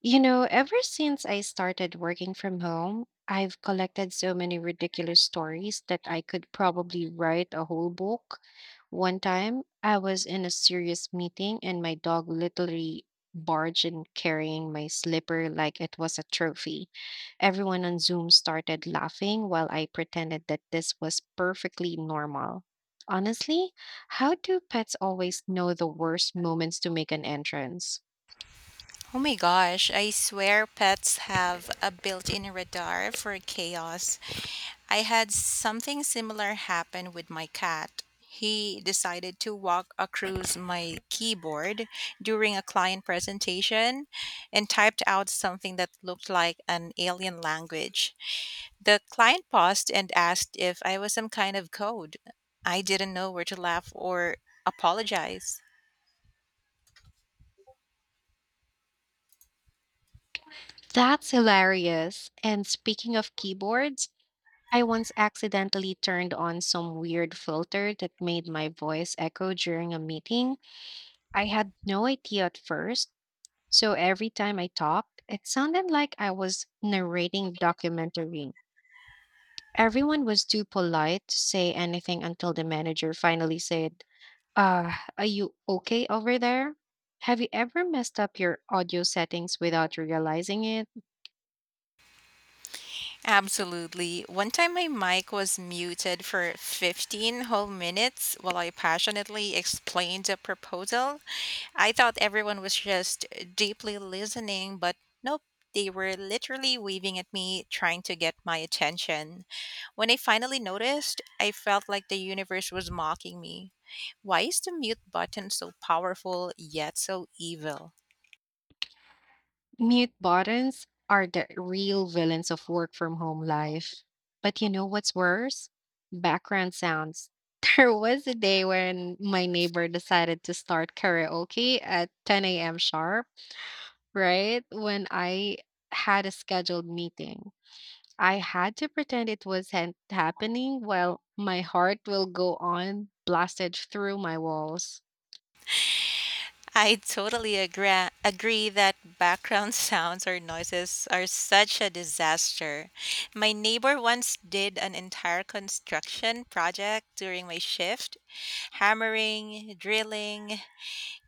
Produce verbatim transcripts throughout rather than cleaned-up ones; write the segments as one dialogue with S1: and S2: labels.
S1: You know, ever since I started working from home, I've collected so many ridiculous stories that I could probably write a whole book. One time, I was in a serious meeting and my dog literally barged in carrying my slipper like it was a trophy. Everyone on Zoom started laughing while I pretended that this was perfectly normal. Honestly, how do pets always know the worst moments to make an entrance?
S2: Oh my gosh, I swear pets have a built in radar for chaos. I had something similar happen with my cat. He decided to walk across my keyboard during a client presentation and typed out something that looked like an alien language. The client paused and asked if I was some kind of code. I didn't know where to laugh or apologize.
S1: That's hilarious. And speaking of keyboards, I once accidentally turned on some weird filter that made my voice echo during a meeting. I had no idea at first, so every time I talked, it sounded like I was narrating a documentary. Everyone was too polite to say anything until the manager finally said, "Uh, are you okay over there?" Have you ever messed up your audio settings without realizing it?
S2: Absolutely. One time my mic was muted for fifteen whole minutes while I passionately explained a proposal. I thought everyone was just deeply listening, but nope, they were literally waving at me, trying to get my attention. When I finally noticed, I felt like the universe was mocking me. Why is the mute button so powerful yet so evil?
S1: Mute buttons are the real villains of work from home life. But you know what's worse? Background sounds. There was a day when my neighbor decided to start karaoke at ten a m sharp, right? When I had a scheduled meeting. I had to pretend it was han- happening while my heart will go on blasted through my walls.
S2: I totally agree, agree that background sounds or noises are such a disaster. My neighbor once did an entire construction project during my shift hammering, drilling,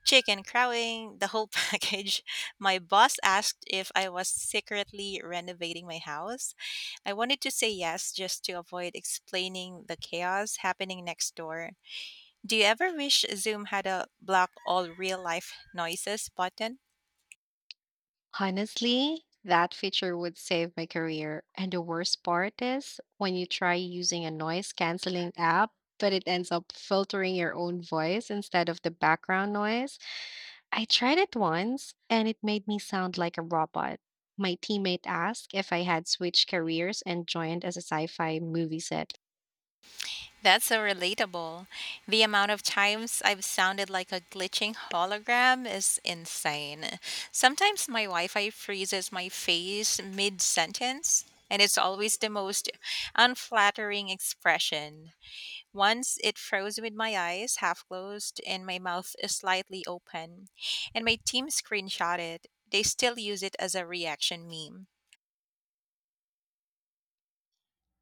S2: chicken crowing, the whole package. My boss asked if I was secretly renovating my house. I wanted to say yes just to avoid explaining the chaos happening next door. Do you ever wish Zoom had a block all real life noises button?
S1: Honestly, that feature would save my career. And the worst part is when you try using a noise canceling app, but it ends up filtering your own voice instead of the background noise. I tried it once and it made me sound like a robot. My teammate asked if I had switched careers and joined as a sci fi movie set.
S2: That's so relatable. The amount of times I've sounded like a glitching hologram is insane. Sometimes my Wi Fi freezes my face mid sentence, and it's always the most unflattering expression. Once it froze with my eyes half closed and my mouth slightly open, and my team screenshot it. They still use it as a reaction meme.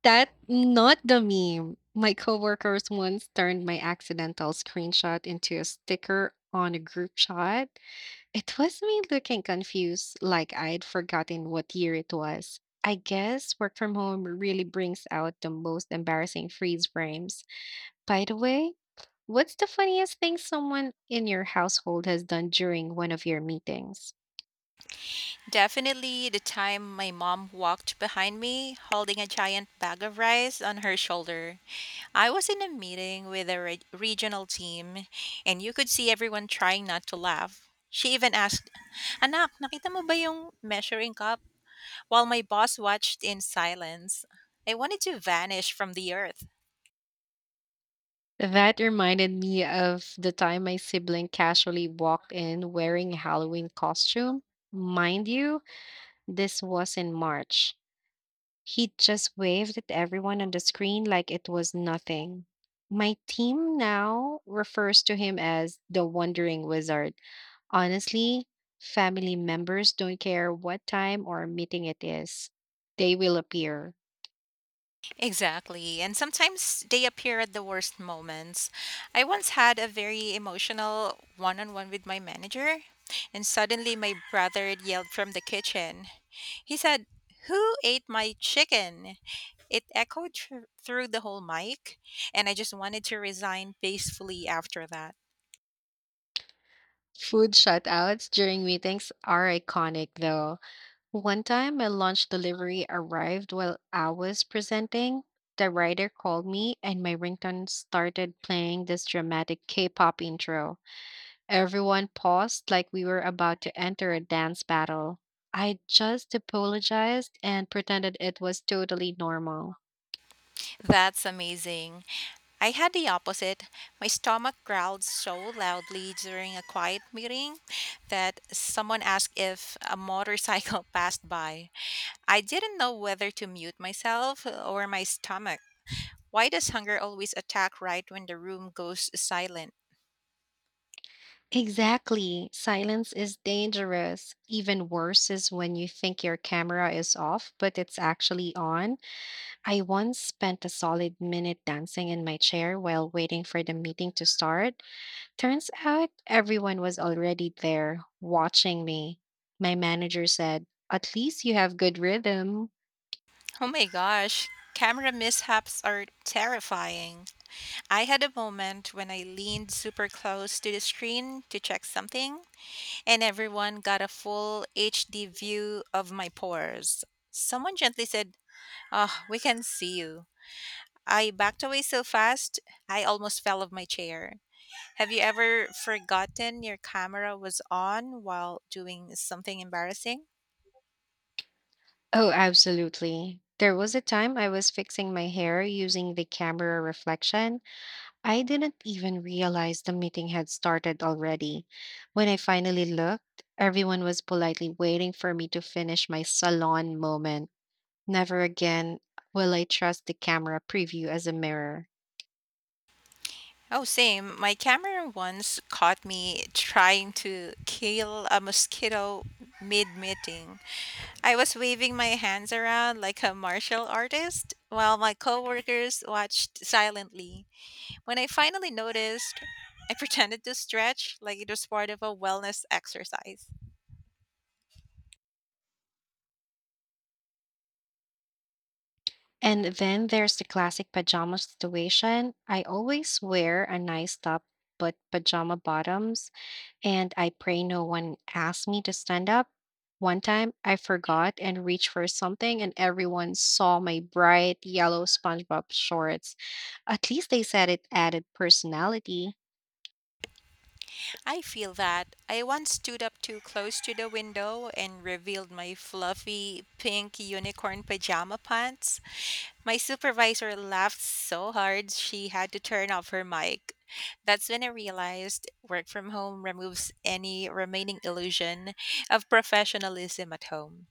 S1: That not the meme. My coworkers once turned my accidental screenshot into a sticker on a group chat. It was me looking confused, like I'd forgotten what year it was. I guess work from home really brings out the most embarrassing freeze frames. By the way, what's the funniest thing someone in your household has done during one of your meetings?
S2: Definitely the time my mom walked behind me holding a giant bag of rice on her shoulder. I was in a meeting with a re- regional team, and you could see everyone trying not to laugh. She even asked, "Anak, nakita mo ba yung measuring cup?" while my boss watched in silence. I wanted to vanish from the earth.
S1: That reminded me of the time my sibling casually walked in wearing a Halloween costume. Mind you, this was in March. He just waved at everyone on the screen like it was nothing. My team now refers to him as the Wandering Wizard. Honestly, family members don't care what time or meeting it is, they will appear.
S2: Exactly. And sometimes they appear at the worst moments. I once had a very emotional one on one with my manager, and suddenly my brother yelled from the kitchen. He said, "Who ate my chicken?" It echoed thr- through the whole mic, and I just wanted to resign peacefully after that.
S1: Food shutouts during meetings are iconic, though. One time, my lunch delivery arrived while I was presenting. The writer called me, and my ringtone started playing this dramatic K pop intro. Everyone paused like we were about to enter a dance battle. I just apologized and pretended it was totally normal.
S2: That's amazing. I had the opposite. My stomach growled so loudly during a quiet meeting that someone asked if a motorcycle passed by. I didn't know whether to mute myself or my stomach. Why does hunger always attack right when the room goes silent?
S1: Exactly. Silence is dangerous. Even worse is when you think your camera is off, but it's actually on. I once spent a solid minute dancing in my chair while waiting for the meeting to start. Turns out everyone was already there watching me. My manager said, At least you have good rhythm.
S2: Oh my gosh, camera mishaps are terrifying. I had a moment when I leaned super close to the screen to check something, and everyone got a full H D view of my pores. Someone gently said, "Oh, we can see you." I backed away so fast, I almost fell off my chair. Have you ever forgotten your camera was on while doing something embarrassing?
S1: Oh, absolutely. There was a time I was fixing my hair using the camera reflection. I didn't even realize the meeting had started already. When I finally looked, everyone was politely waiting for me to finish my salon moment. Never again will I trust the camera preview as a mirror.
S2: Oh, same. My camera once caught me trying to kill a mosquito mid meeting. I was waving my hands around like a martial artist while my coworkers watched silently. When I finally noticed, I pretended to stretch like it was part of a wellness exercise.
S1: And then there's the classic pajama situation. I always wear a nice top, but pajama bottoms and I pray no one asks me to stand up. One time, I forgot and reached for something, and everyone saw my bright yellow SpongeBob shorts. At least they said it added personality.
S2: I feel that. I once stood up too close to the window and revealed my fluffy pink unicorn pajama pants. My supervisor laughed so hard she had to turn off her mic. That's when I realized work from home removes any remaining illusion of professionalism at home.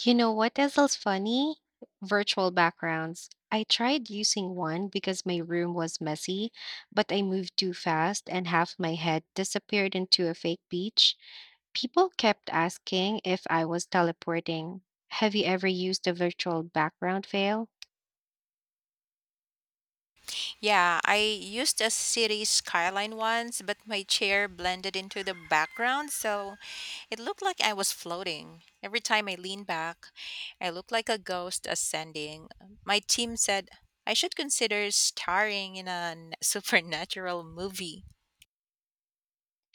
S1: You know what else is funny? Virtual backgrounds. I tried using one because my room was messy, but I moved too fast and half my head disappeared into a fake beach. People kept asking if I was teleporting. Have you ever used a virtual background veil?
S2: Yeah, I used a city skyline once, but my chair blended into the background, so it looked like I was floating. Every time I leaned back, I looked like a ghost ascending. My team said, I should consider starring in a n- supernatural movie.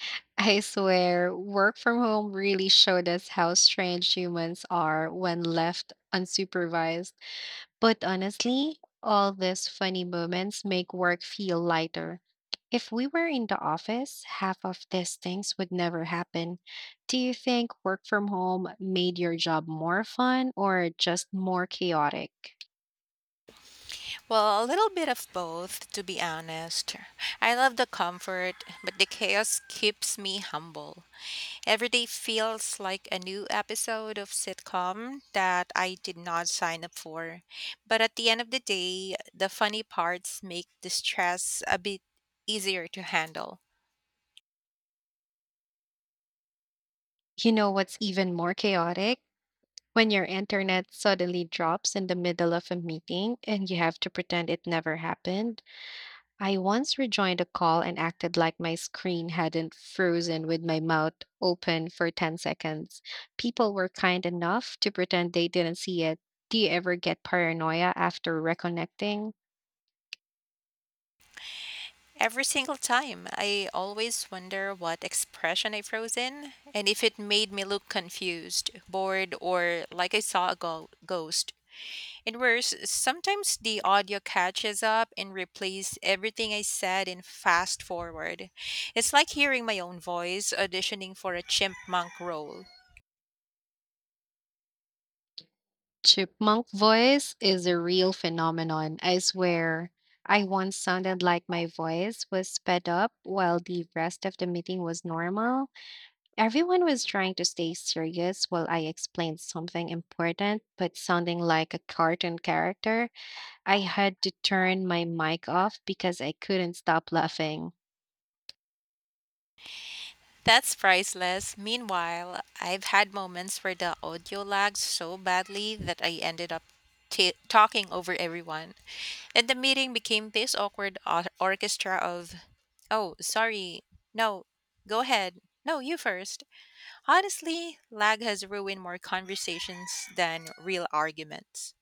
S1: I swear, work from home really showed us how strange humans are when left unsupervised. But honestly, all these funny moments make work feel lighter. If we were in the office, half of these things would never happen. Do you think work from home made your job more fun or just more chaotic?
S2: Well, a little bit of both, to be honest. I love the comfort, but the chaos keeps me humble. Every day feels like a new episode of sitcom that I did not sign up for. But at the end of the day, the funny parts make the stress a bit easier to handle.
S1: You know what's even more chaotic? When your internet suddenly drops in the middle of a meeting and you have to pretend it never happened. I once rejoined a call and acted like my screen hadn't frozen with my mouth open for ten seconds. People were kind enough to pretend they didn't see it. Do you ever get paranoia after reconnecting?
S2: Every single time, I always wonder what expression I froze in and if it made me look confused, bored, or like I saw a go- ghost. And worse, sometimes the audio catches up and replays everything I said in fast forward. It's like hearing my own voice auditioning for a chipmunk role.
S1: Chipmunk voice is a real phenomenon, I swear. I once sounded like my voice was sped up while the rest of the meeting was normal. Everyone was trying to stay serious while I explained something important, but sounding like a cartoon character, I had to turn my mic off because I couldn't stop laughing.
S2: That's priceless. Meanwhile, I've had moments where the audio lagged so badly that I ended up t- talking over everyone. And the meeting became this awkward or- orchestra of, oh, sorry, no, go ahead, no, you first. Honestly, lag has ruined more conversations than real arguments.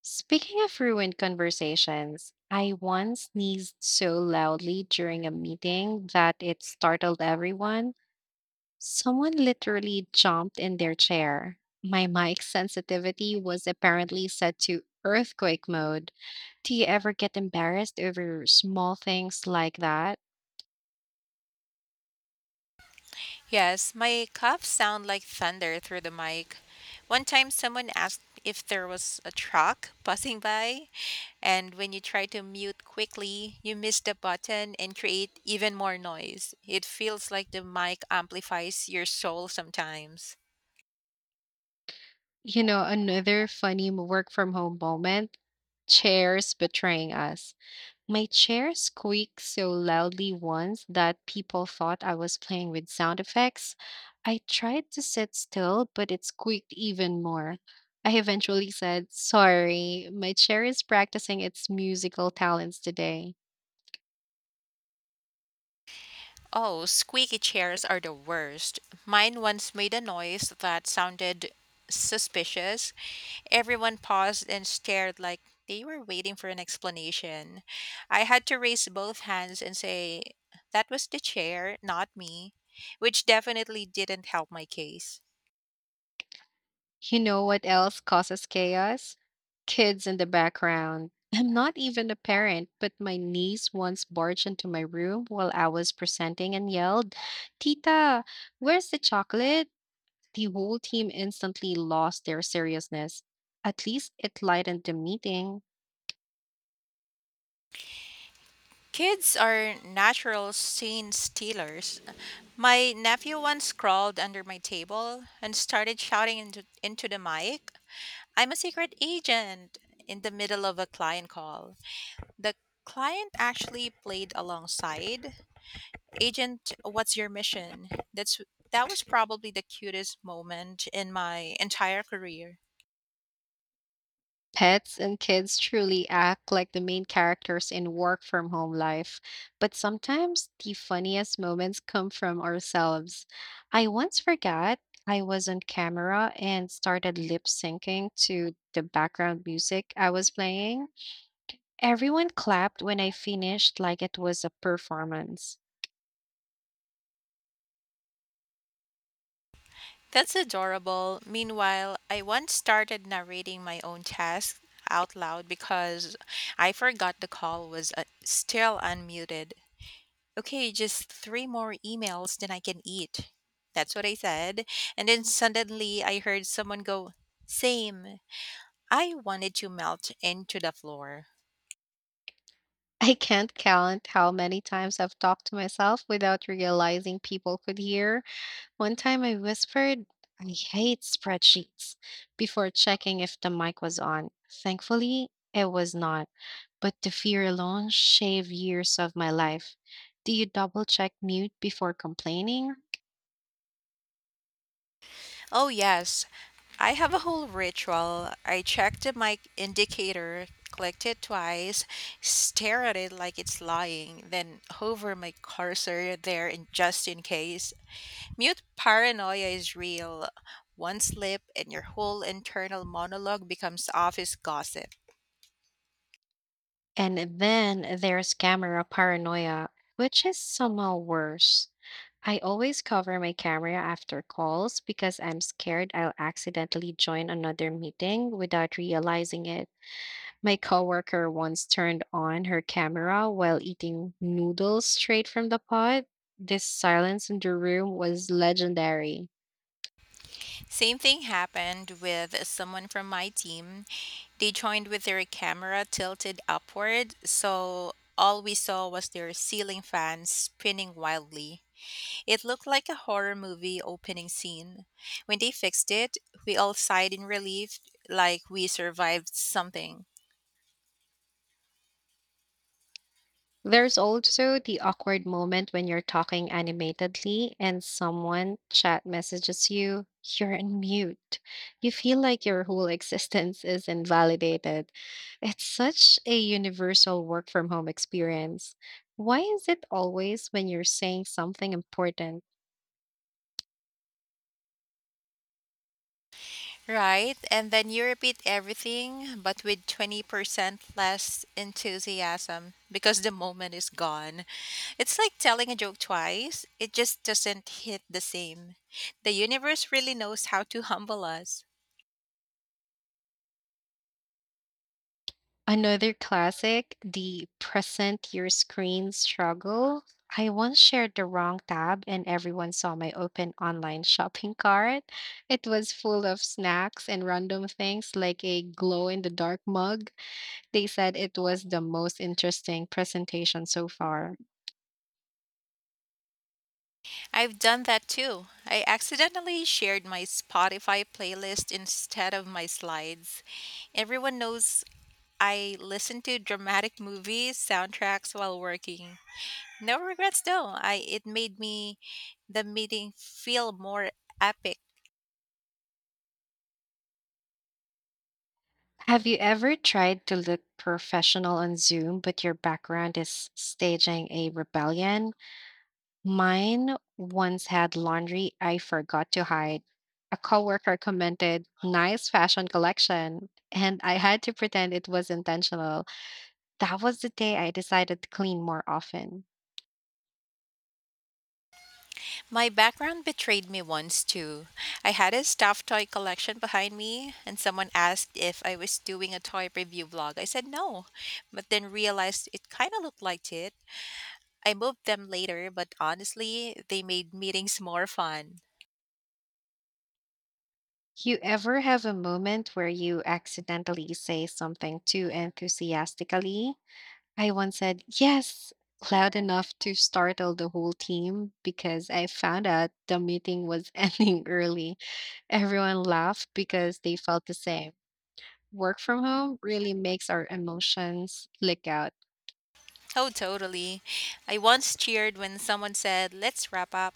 S1: Speaking of ruined conversations, I once sneezed so loudly during a meeting that it startled everyone. Someone literally jumped in their chair. My mic sensitivity was apparently set to earthquake mode. Do you ever get embarrassed over small things like that?
S2: Yes, my coughs sound like thunder through the mic. One time someone asked if there was a truck passing by, and when you try to mute quickly, you miss the button and create even more noise. It feels like the mic amplifies your soul sometimes.
S1: You know, another funny m- work from home moment chairs betraying us. My chair squeaked so loudly once that people thought I was playing with sound effects. I tried to sit still, but it squeaked even more. I eventually said, Sorry, my chair is practicing its musical talents today.
S2: Oh, squeaky chairs are the worst. Mine once made a noise that sounded suspicious. Everyone paused and stared like they were waiting for an explanation. I had to raise both hands and say, "That was the chair, not me," which definitely didn't help my case.
S1: You know what else causes chaos? Kids in the background. I'm not even a parent, but my niece once barged into my room while I was presenting and yelled, Tita, where's the chocolate? The whole team instantly lost their seriousness. At least it lightened the meeting.
S2: Kids are natural scene stealers. My nephew once crawled under my table and started shouting into, into the mic. I'm a secret agent in the middle of a client call. The client actually played alongside. "Agent, what's your mission?" That's that was probably the cutest moment in my entire career.
S1: Pets and kids truly act like the main characters in work from home life. But sometimes the funniest moments come from ourselves. I once forgot I was on camera and started lip syncing to the background music I was playing. Everyone clapped when I finished, like it was a performance.
S2: That's adorable. Meanwhile, I once started narrating my own task out loud because I forgot the call was uh, still unmuted. Okay, just three more emails, then I can eat. That's what I said. And then suddenly I heard someone go, same. I wanted to melt into the floor.
S1: I can't count how many times I've talked to myself without realizing people could hear. One time I whispered, I hate spreadsheets, before checking if the mic was on. Thankfully, it was not, but the fear alone shaved years of my life. Do you double check mute before complaining?
S2: Oh, yes. I have a whole ritual. I check the mic indicator, click it twice, stare at it like it's lying, then hover my cursor there in just in case. Mute paranoia is real. One slip and your whole internal monologue becomes office gossip.
S1: And then there's camera paranoia, which is somehow worse. I always cover my camera after calls because I'm scared I'll accidentally join another meeting without realizing it. My coworker once turned on her camera while eating noodles straight from the pot. This silence in the room was legendary.
S2: Same thing happened with someone from my team. They joined with their camera tilted upward, so all we saw was their ceiling fan spinning wildly. It looked like a horror movie opening scene. When they fixed it, we all sighed in relief like we survived something.
S1: There's also the awkward moment when you're talking animatedly and someone chat messages you, you're in mute. You feel like your whole existence is invalidated. It's such a universal work from home experience. Why is it always when you're saying something important?
S2: Right, and then you repeat everything, but with twenty percent less enthusiasm because the moment is gone. It's like telling a joke twice, it just doesn't hit the same. The universe really knows how to humble us.
S1: Another classic, the present your screen struggle. I once shared the wrong tab and everyone saw my open online shopping cart. It was full of snacks and random things like a glow in the dark mug. They said it was the most interesting presentation so far.
S2: I've done that too. I accidentally shared my Spotify playlist instead of my slides. Everyone knows I listen to dramatic movies, soundtracks while working. No regrets though. I It made me the meeting feel more epic.
S1: Have you ever tried to look professional on Zoom, but your background is staging a rebellion? Mine once had laundry I forgot to hide. A coworker commented, "Nice fashion collection," and I had to pretend it was intentional. That was the day I decided to clean more often.
S2: My background betrayed me once too. I had a stuffed toy collection behind me and someone asked if I was doing a toy review vlog. I said no, but then realized it kind of looked like it. I moved them later, but honestly, they made meetings more fun.
S1: You ever have a moment where you accidentally say something too enthusiastically? I once said, "Yes," loud enough to startle the whole team because I found out the meeting was ending early. Everyone laughed because they felt the same. Work from home really makes our emotions leak out.
S2: Oh, totally. I once cheered when someone said, "Let's wrap up,"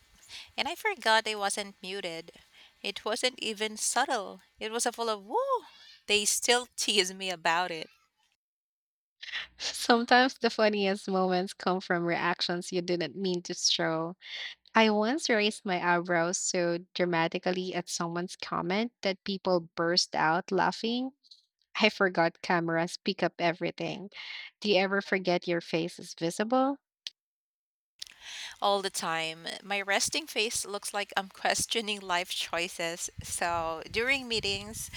S2: and I forgot I wasn't muted. It wasn't even subtle, it was a full of woo. They still tease me about it
S1: Sometimes the funniest moments come from reactions you didn't mean to show. I once raised my eyebrows so dramatically at someone's comment that people burst out laughing. I forgot cameras pick up everything. Do you ever forget your face is visible?
S2: all the time. My resting face looks like I'm questioning life choices. So during meetings,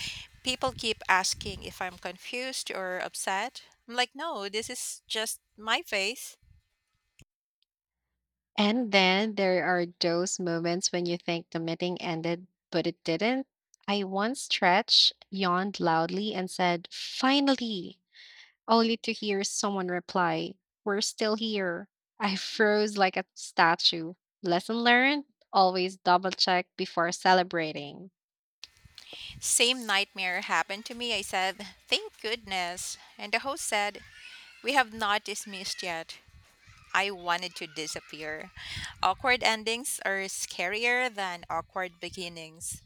S2: people keep asking if I'm confused or upset. I'm like, no, this is just my face.
S1: And then there are those moments when you think the meeting ended, but it didn't. I once stretched, yawned loudly, and said, Finally! Only to hear someone reply, We're still here. I froze like a statue. Lesson learned? Always double check before celebrating.
S2: Same nightmare happened to me. I said, "Thank goodness." And the host said, "We have not dismissed yet." I wanted to disappear. Awkward endings are scarier than awkward beginnings.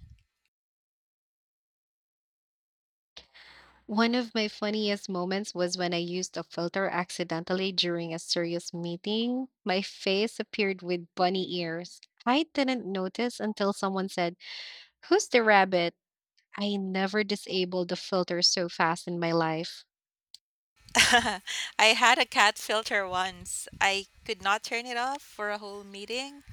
S1: One of my funniest moments was when I used a filter accidentally during a serious meeting. My face appeared with bunny ears. I didn't notice until someone said, Who's the rabbit? I never disabled the filter so fast in my life.
S2: I had a cat filter once. I could not turn it off for a whole meeting.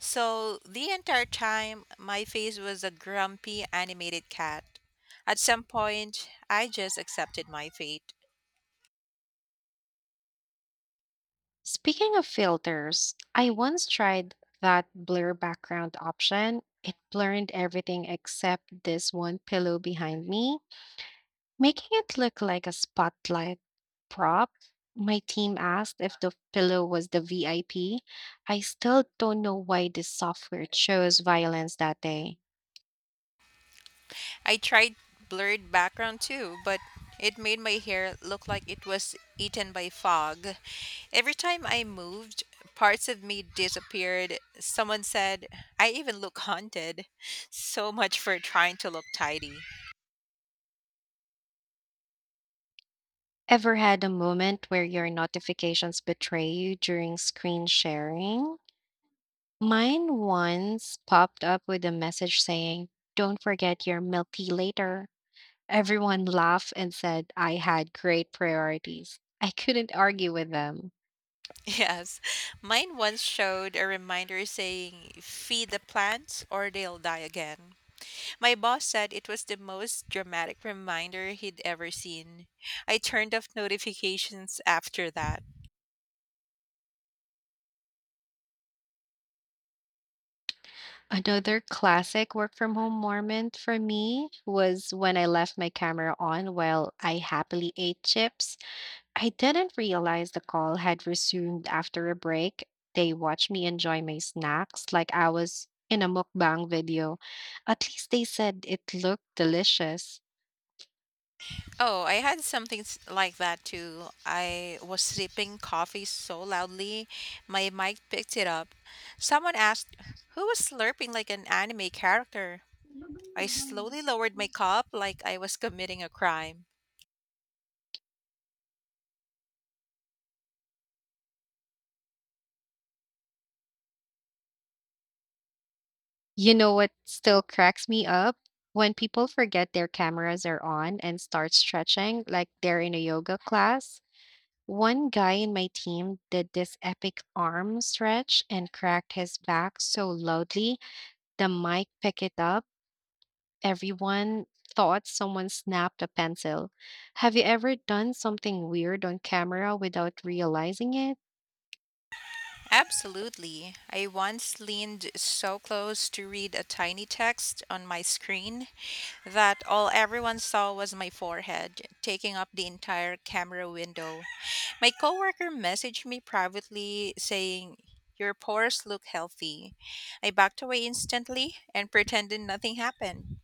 S2: So the entire time, my face was a grumpy animated cat. At some point, I just accepted my fate.
S1: Speaking of filters, I once tried that blur background option. It blurred everything except this one pillow behind me, making it look like a spotlight prop. My team asked if the pillow was the V I P. I P. I still don't know why this software chose violence that day.
S2: I tried blurred background too, but it made my hair look like it was eaten by fog. Every time I moved, parts of me disappeared. Someone said, I even look haunted. So much for trying to look tidy.
S1: Ever had a moment where your notifications betray you during screen sharing? Mine once popped up with a message saying, Don't forget your milk tea later. Everyone laughed and said I had great priorities. I couldn't argue with them.
S2: Yes, mine once showed a reminder saying, "Feed the plants or they'll die again." My boss said it was the most dramatic reminder he'd ever seen. I turned off notifications after that.
S1: Another classic work from home moment for me was when I left my camera on while I happily ate chips. I didn't realize the call had resumed after a break. They watched me enjoy my snacks like I was in a mukbang video. At least they said it looked delicious.
S2: Oh, I had something s- like that too. I was sipping coffee so loudly, my mic picked it up. Someone asked, "Who was slurping like an anime character?" I slowly lowered my cup like I was committing a crime.
S1: You know what still cracks me up? When people forget their cameras are on and start stretching like they're in a yoga class. One guy in my team did this epic arm stretch and cracked his back so loudly the mic picked it up. Everyone thought someone snapped a pencil. Have you ever done something weird on camera without realizing it?
S2: Absolutely. I once leaned so close to read a tiny text on my screen that all everyone saw was my forehead, taking up the entire camera window. My coworker messaged me privately saying, "Your pores look healthy." I backed away instantly and pretended nothing happened.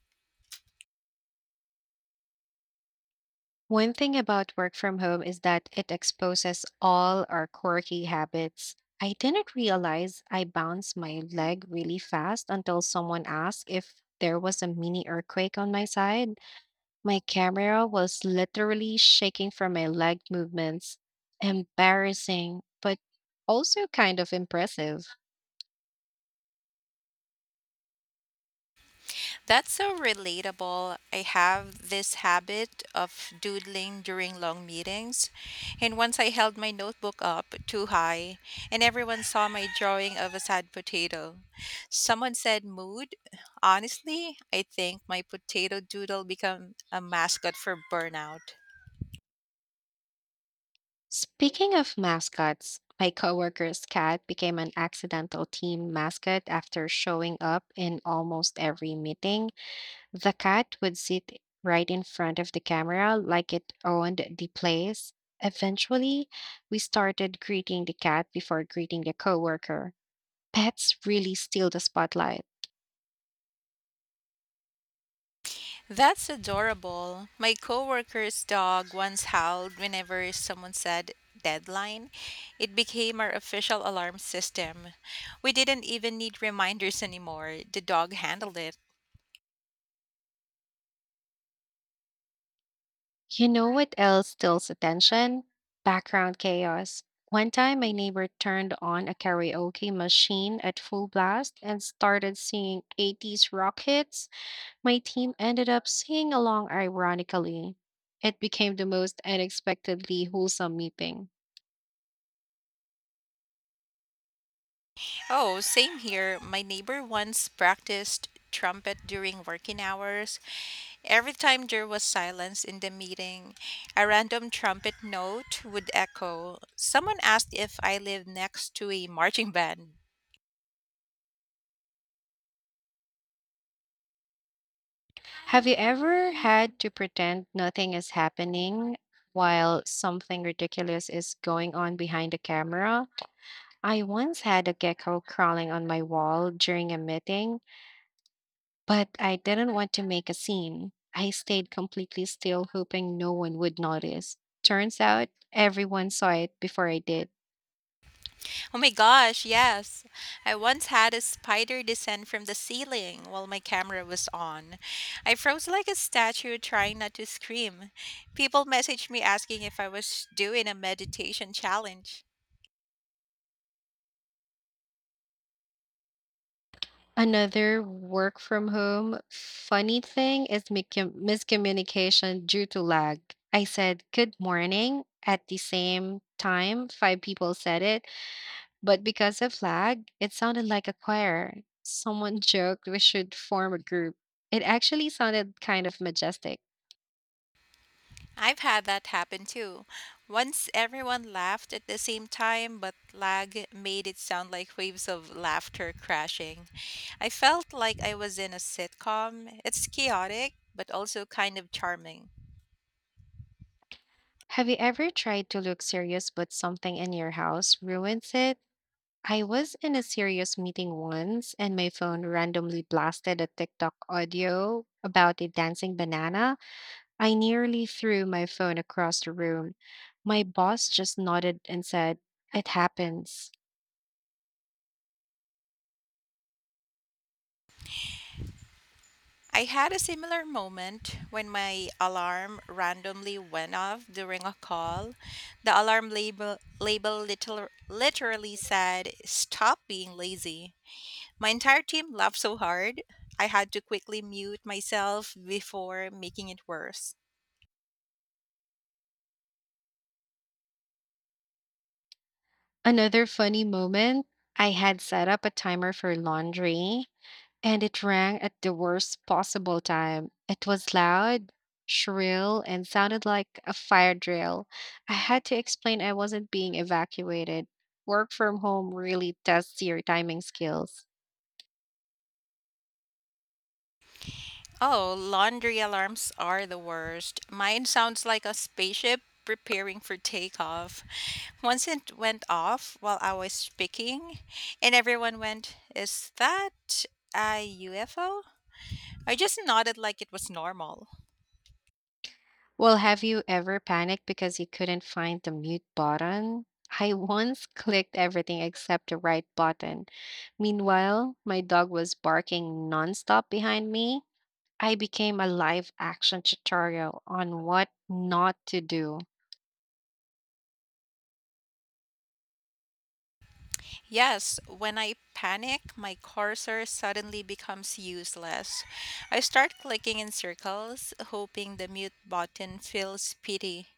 S1: One thing about work from home is that it exposes all our quirky habits. I didn't realize I bounced my leg really fast until someone asked if there was a mini earthquake on my side. My camera was literally shaking from my leg movements. Embarrassing, but also kind of impressive.
S2: That's so relatable. I have this habit of doodling during long meetings. And once I held my notebook up too high, and everyone saw my drawing of a sad potato. Someone said, "Mood?" Honestly, I think my potato doodle became a mascot for burnout.
S1: Speaking of mascots, my coworker's cat became an accidental team mascot after showing up in almost every meeting. The cat would sit right in front of the camera like it owned the place. Eventually, we started greeting the cat before greeting the coworker. Pets really steal the spotlight.
S2: That's adorable. My coworker's dog once howled whenever someone said deadline. It became our official alarm system. We didn't even need reminders anymore. The dog handled it.
S1: You know what else steals attention? Background chaos. One time, my neighbor turned on a karaoke machine at full blast and started singing eighties rock hits. My team ended up singing along ironically. It became the most unexpectedly wholesome meeting.
S2: Oh, same here. My neighbor once practiced trumpet during working hours. Every time there was silence in the meeting, a random trumpet note would echo. Someone asked if I lived next to a marching band.
S1: Have you ever had to pretend nothing is happening while something ridiculous is going on behind the camera? I once had a gecko crawling on my wall during a meeting, but I didn't want to make a scene. I stayed completely still, hoping no one would notice. Turns out everyone saw it before I did.
S2: Oh my gosh, yes. I once had a spider descend from the ceiling while my camera was on. I froze like a statue trying not to scream. People messaged me asking if I was doing a meditation challenge.
S1: Another work from home funny thing is miscom- miscommunication due to lag. I said good morning at the same time, five people said it, but because of lag, it sounded like a choir. Someone joked we should form a group. It actually sounded kind of majestic.
S2: I've had that happen too. Once everyone laughed at the same time, but lag made it sound like waves of laughter crashing. I felt like I was in a sitcom. It's chaotic, but also kind of charming.
S1: Have you ever tried to look serious but something in your house ruins it? I was in a serious meeting once and my phone randomly blasted a TikTok audio about a dancing banana. I nearly threw my phone across the room. My boss just nodded and said, It happens.
S2: I had a similar moment when my alarm randomly went off during a call. The alarm label, label little, literally said, "Stop being lazy." My entire team laughed so hard, I had to quickly mute myself before making it worse.
S1: Another funny moment, I had set up a timer for laundry. And it rang at the worst possible time. It was loud, shrill, and sounded like a fire drill. I had to explain I wasn't being evacuated. Work from home really tests your timing skills.
S2: Oh, laundry alarms are the worst. Mine sounds like a spaceship preparing for takeoff. Once it went off while I was speaking, and everyone went, "Is that a U F O" I just nodded like it was normal.
S1: Well, have you ever panicked because you couldn't find the mute button? I once clicked everything except the right button. Meanwhile, my dog was barking nonstop behind me. I became a live action tutorial on what not to do.
S2: Yes, when I panic, my cursor suddenly becomes useless. I start clicking in circles, hoping the mute button feels pity.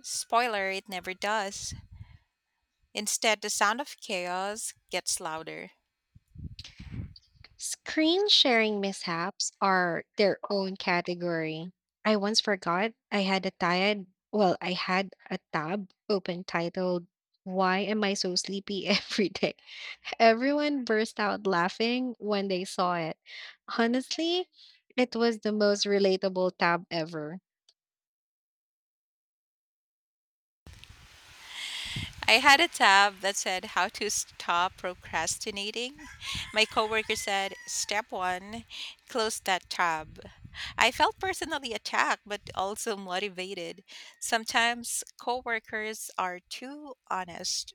S2: Spoiler, it never does. Instead, the sound of chaos gets louder.
S1: Screen sharing mishaps are their own category. I once forgot I had a tired, well, I had a tab open titled, Why Am I So Sleepy Every Day? Everyone burst out laughing when they saw it. Honestly, it was the most relatable tab ever.
S2: I had a tab that said how to stop procrastinating. My coworker said, "Step one, close that tab." I felt personally attacked, but also motivated. Sometimes coworkers are too honest.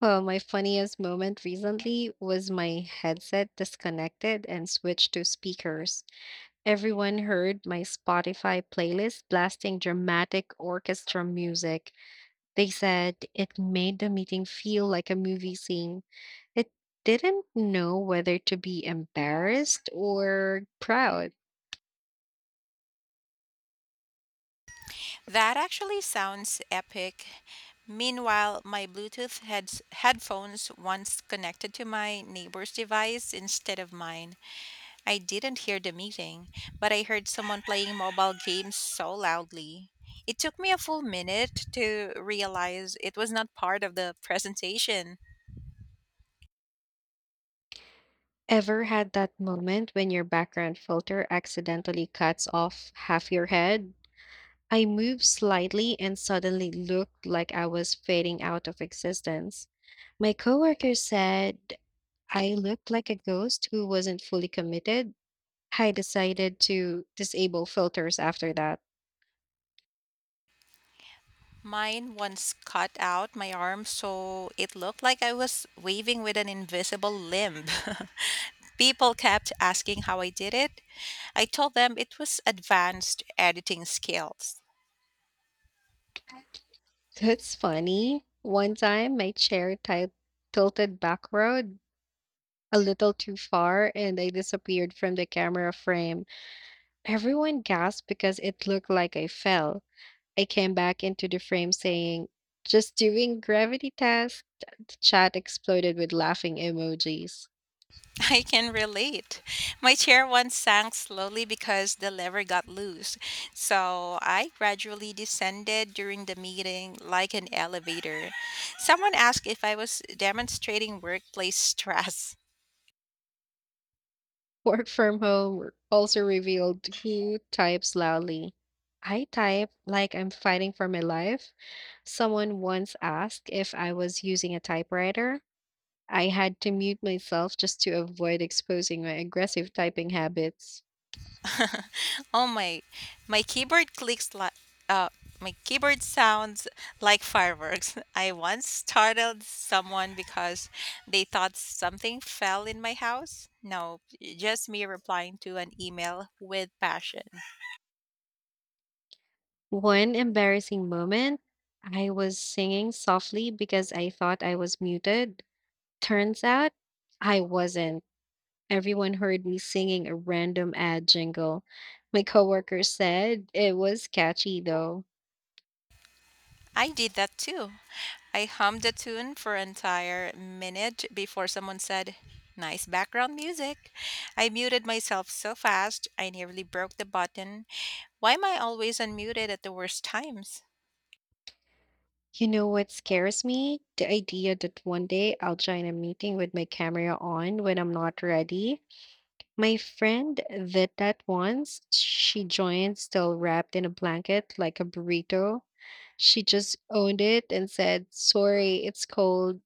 S1: Well, my funniest moment recently was my headset disconnected and switched to speakers. Everyone heard my Spotify playlist blasting dramatic orchestra music. They said it made the meeting feel like a movie scene. It didn't know whether to be embarrassed or proud.
S2: That actually sounds epic. Meanwhile, my Bluetooth heads- headphones once connected to my neighbor's device instead of mine. I didn't hear the meeting, but I heard someone playing mobile games so loudly. It took me a full minute to realize it was not part of the presentation.
S1: Ever had that moment when your background filter accidentally cuts off half your head? I moved slightly and suddenly looked like I was fading out of existence. My coworker said I looked like a ghost who wasn't fully committed. I decided to disable filters after that.
S2: Mine once cut out my arm, so it looked like I was waving with an invisible limb. People kept asking how I did it. I told them it was advanced editing skills.
S1: That's funny. One time, my chair ti- tilted backward a little too far and I disappeared from the camera frame. Everyone gasped because it looked like I fell. I came back into the frame saying, just doing gravity test. The chat exploded with laughing emojis.
S2: I can relate. My chair once sank slowly because the lever got loose. So I gradually descended during the meeting like an elevator. Someone asked if I was demonstrating workplace stress.
S1: Work from home also revealed who types loudly. I type like I'm fighting for my life. Someone once asked if I was using a typewriter. I had to mute myself just to avoid exposing my aggressive typing habits.
S2: Oh my, my keyboard clicks like uh my keyboard sounds like fireworks. I once startled someone because they thought something fell in my house. No, just me replying to an email with passion.
S1: One embarrassing moment, I was singing softly because I thought I was muted. Turns out I wasn't. Everyone heard me singing a random ad jingle. My coworker said it was catchy though.
S2: I did that too. I hummed a tune for an entire minute before someone said, "Nice background music." I muted myself so fast, I nearly broke the button. Why am I always unmuted at the worst times?
S1: You know what scares me? The idea that one day I'll join a meeting with my camera on when I'm not ready. My friend did that once. She joined still wrapped in a blanket like a burrito. She just owned it and said, Sorry, it's cold.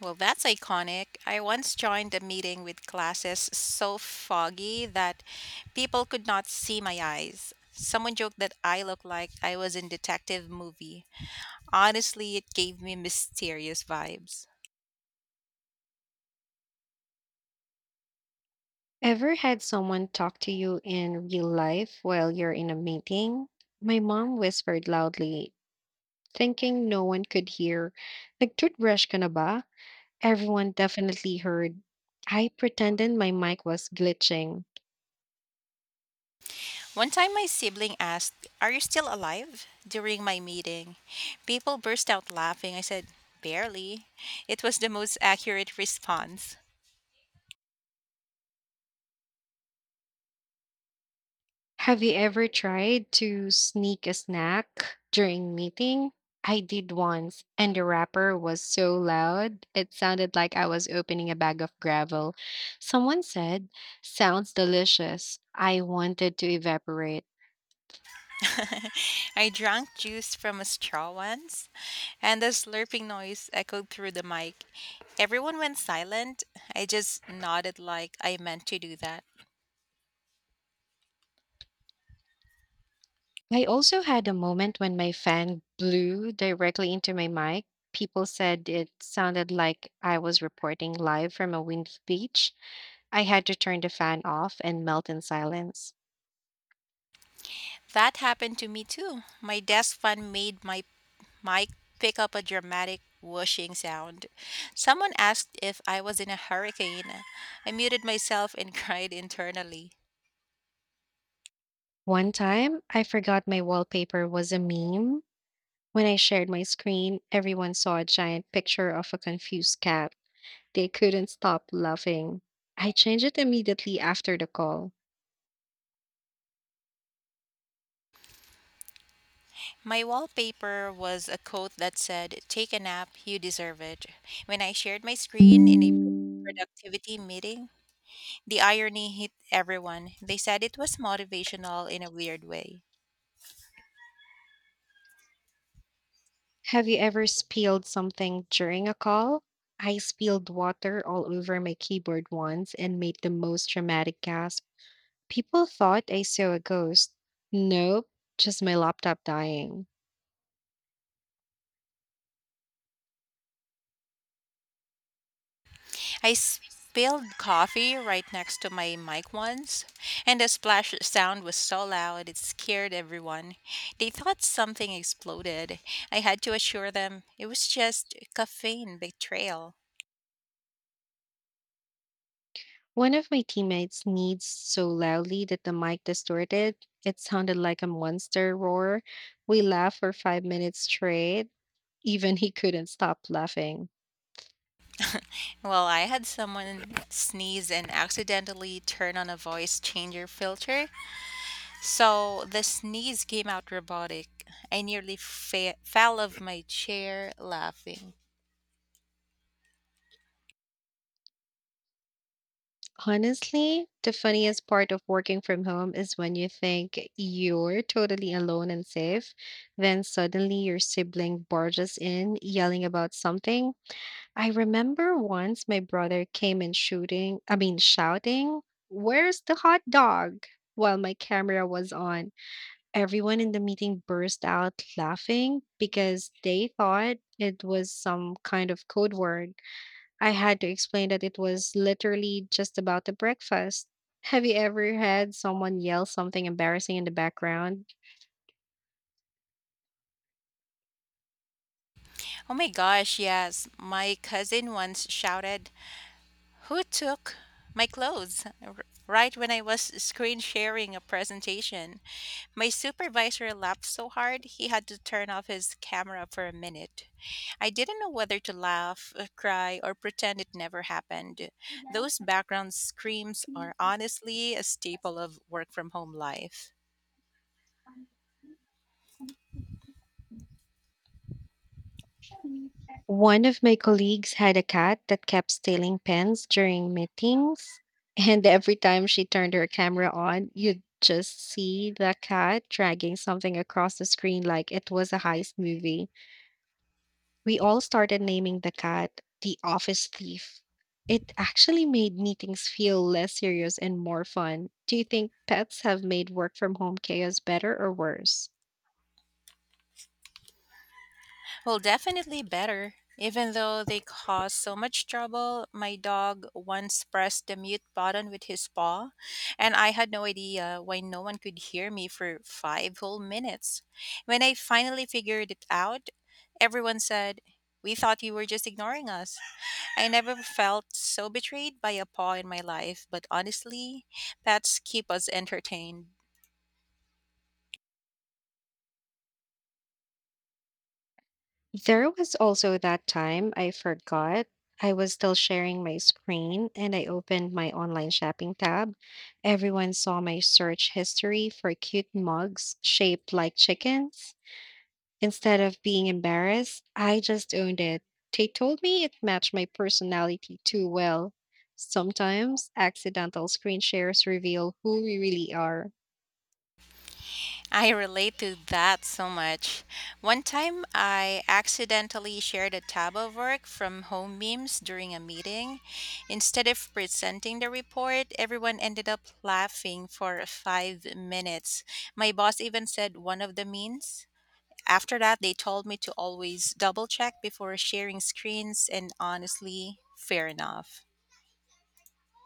S2: Well, that's iconic. I once joined a meeting with glasses so foggy that people could not see my eyes. Someone joked that I looked like I was in detective movie. Honestly, it gave me mysterious vibes.
S1: Ever had someone talk to you in real life while you're in a meeting? My mom whispered loudly, thinking no one could hear. Nagtoothbrush ka na ba? Everyone definitely heard. I pretended my mic was glitching.
S2: One time, my sibling asked, "Are you still alive?" during my meeting. People burst out laughing. I said, "Barely." It was the most accurate response.
S1: Have you ever tried to sneak a snack during meeting? I did once, and the wrapper was so loud, it sounded like I was opening a bag of gravel. Someone said, Sounds delicious. I wanted to evaporate.
S2: I drank juice from a straw once, and the slurping noise echoed through the mic. Everyone went silent. I just nodded like I meant to do that.
S1: I also had a moment when my fan blew directly into my mic. People said it sounded like I was reporting live from a windy beach. I had to turn the fan off and melt in silence.
S2: That happened to me too. My desk fan made my mic pick up a dramatic whooshing sound. Someone asked if I was in a hurricane. I muted myself and cried internally.
S1: One time, I forgot my wallpaper was a meme. When I shared my screen, everyone saw a giant picture of a confused cat. They couldn't stop laughing. I changed it immediately after the call.
S2: My wallpaper was a quote that said, "Take a nap, you deserve it." When I shared my screen in a productivity meeting, the irony hit everyone. They said it was motivational in a weird way.
S1: Have you ever spilled something during a call? I spilled water all over my keyboard once and made the most dramatic gasp. People thought I saw a ghost. Nope, just my laptop dying.
S2: I spilled coffee right next to my mic once, and the splash sound was so loud it scared everyone. They thought something exploded. I had to assure them it was just caffeine betrayal.
S1: One of my teammates needs so loudly that the mic distorted. It sounded like a monster roar. We laughed for five minutes straight. Even he couldn't stop laughing.
S2: Well, I had someone sneeze and accidentally turn on a voice changer filter, so the sneeze came out robotic. I nearly fa- fell off my chair laughing.
S1: Honestly, the funniest part of working from home is when you think you're totally alone and safe, then suddenly your sibling barges in yelling about something. I remember once my brother came in shooting, I mean, shouting, Where's the hot dog? While my camera was on. Everyone in the meeting burst out laughing because they thought it was some kind of code word. I had to explain that it was literally just about the breakfast. Have you ever had someone yell something embarrassing in the background?
S2: Oh my gosh, yes. My cousin once shouted, "Who took my clothes r- right" when I was screen sharing a presentation. My supervisor laughed so hard he had to turn off his camera for a minute. I didn't know whether to laugh, uh, cry, or pretend it never happened. Those background screams are honestly a staple of work from home life.
S1: One of my colleagues had a cat that kept stealing pens during meetings. And every time she turned her camera on, you'd just see the cat dragging something across the screen like it was a heist movie. We all started naming the cat the office thief. It actually made meetings feel less serious and more fun. Do you think pets have made work from home chaos better or worse?
S2: Well, definitely better. Even though they cause so much trouble, my dog once pressed the mute button with his paw, and I had no idea why no one could hear me for five whole minutes. When I finally figured it out, everyone said, "We thought you were just ignoring us." I never felt so betrayed by a paw in my life, but honestly, pets keep us entertained.
S1: There was also that time I forgot I was still sharing my screen and I opened my online shopping tab. Everyone saw my search history for cute mugs shaped like chickens. Instead of being embarrassed, I just owned it. They told me it matched my personality too well. Sometimes accidental screen shares reveal who we really are.
S2: I relate to that so much. One time I accidentally shared a tab of work from home memes during a meeting. Instead of presenting the report, everyone ended up laughing for five minutes. My boss even said one of the memes. After that, they told me to always double check before sharing screens, and honestly, fair enough.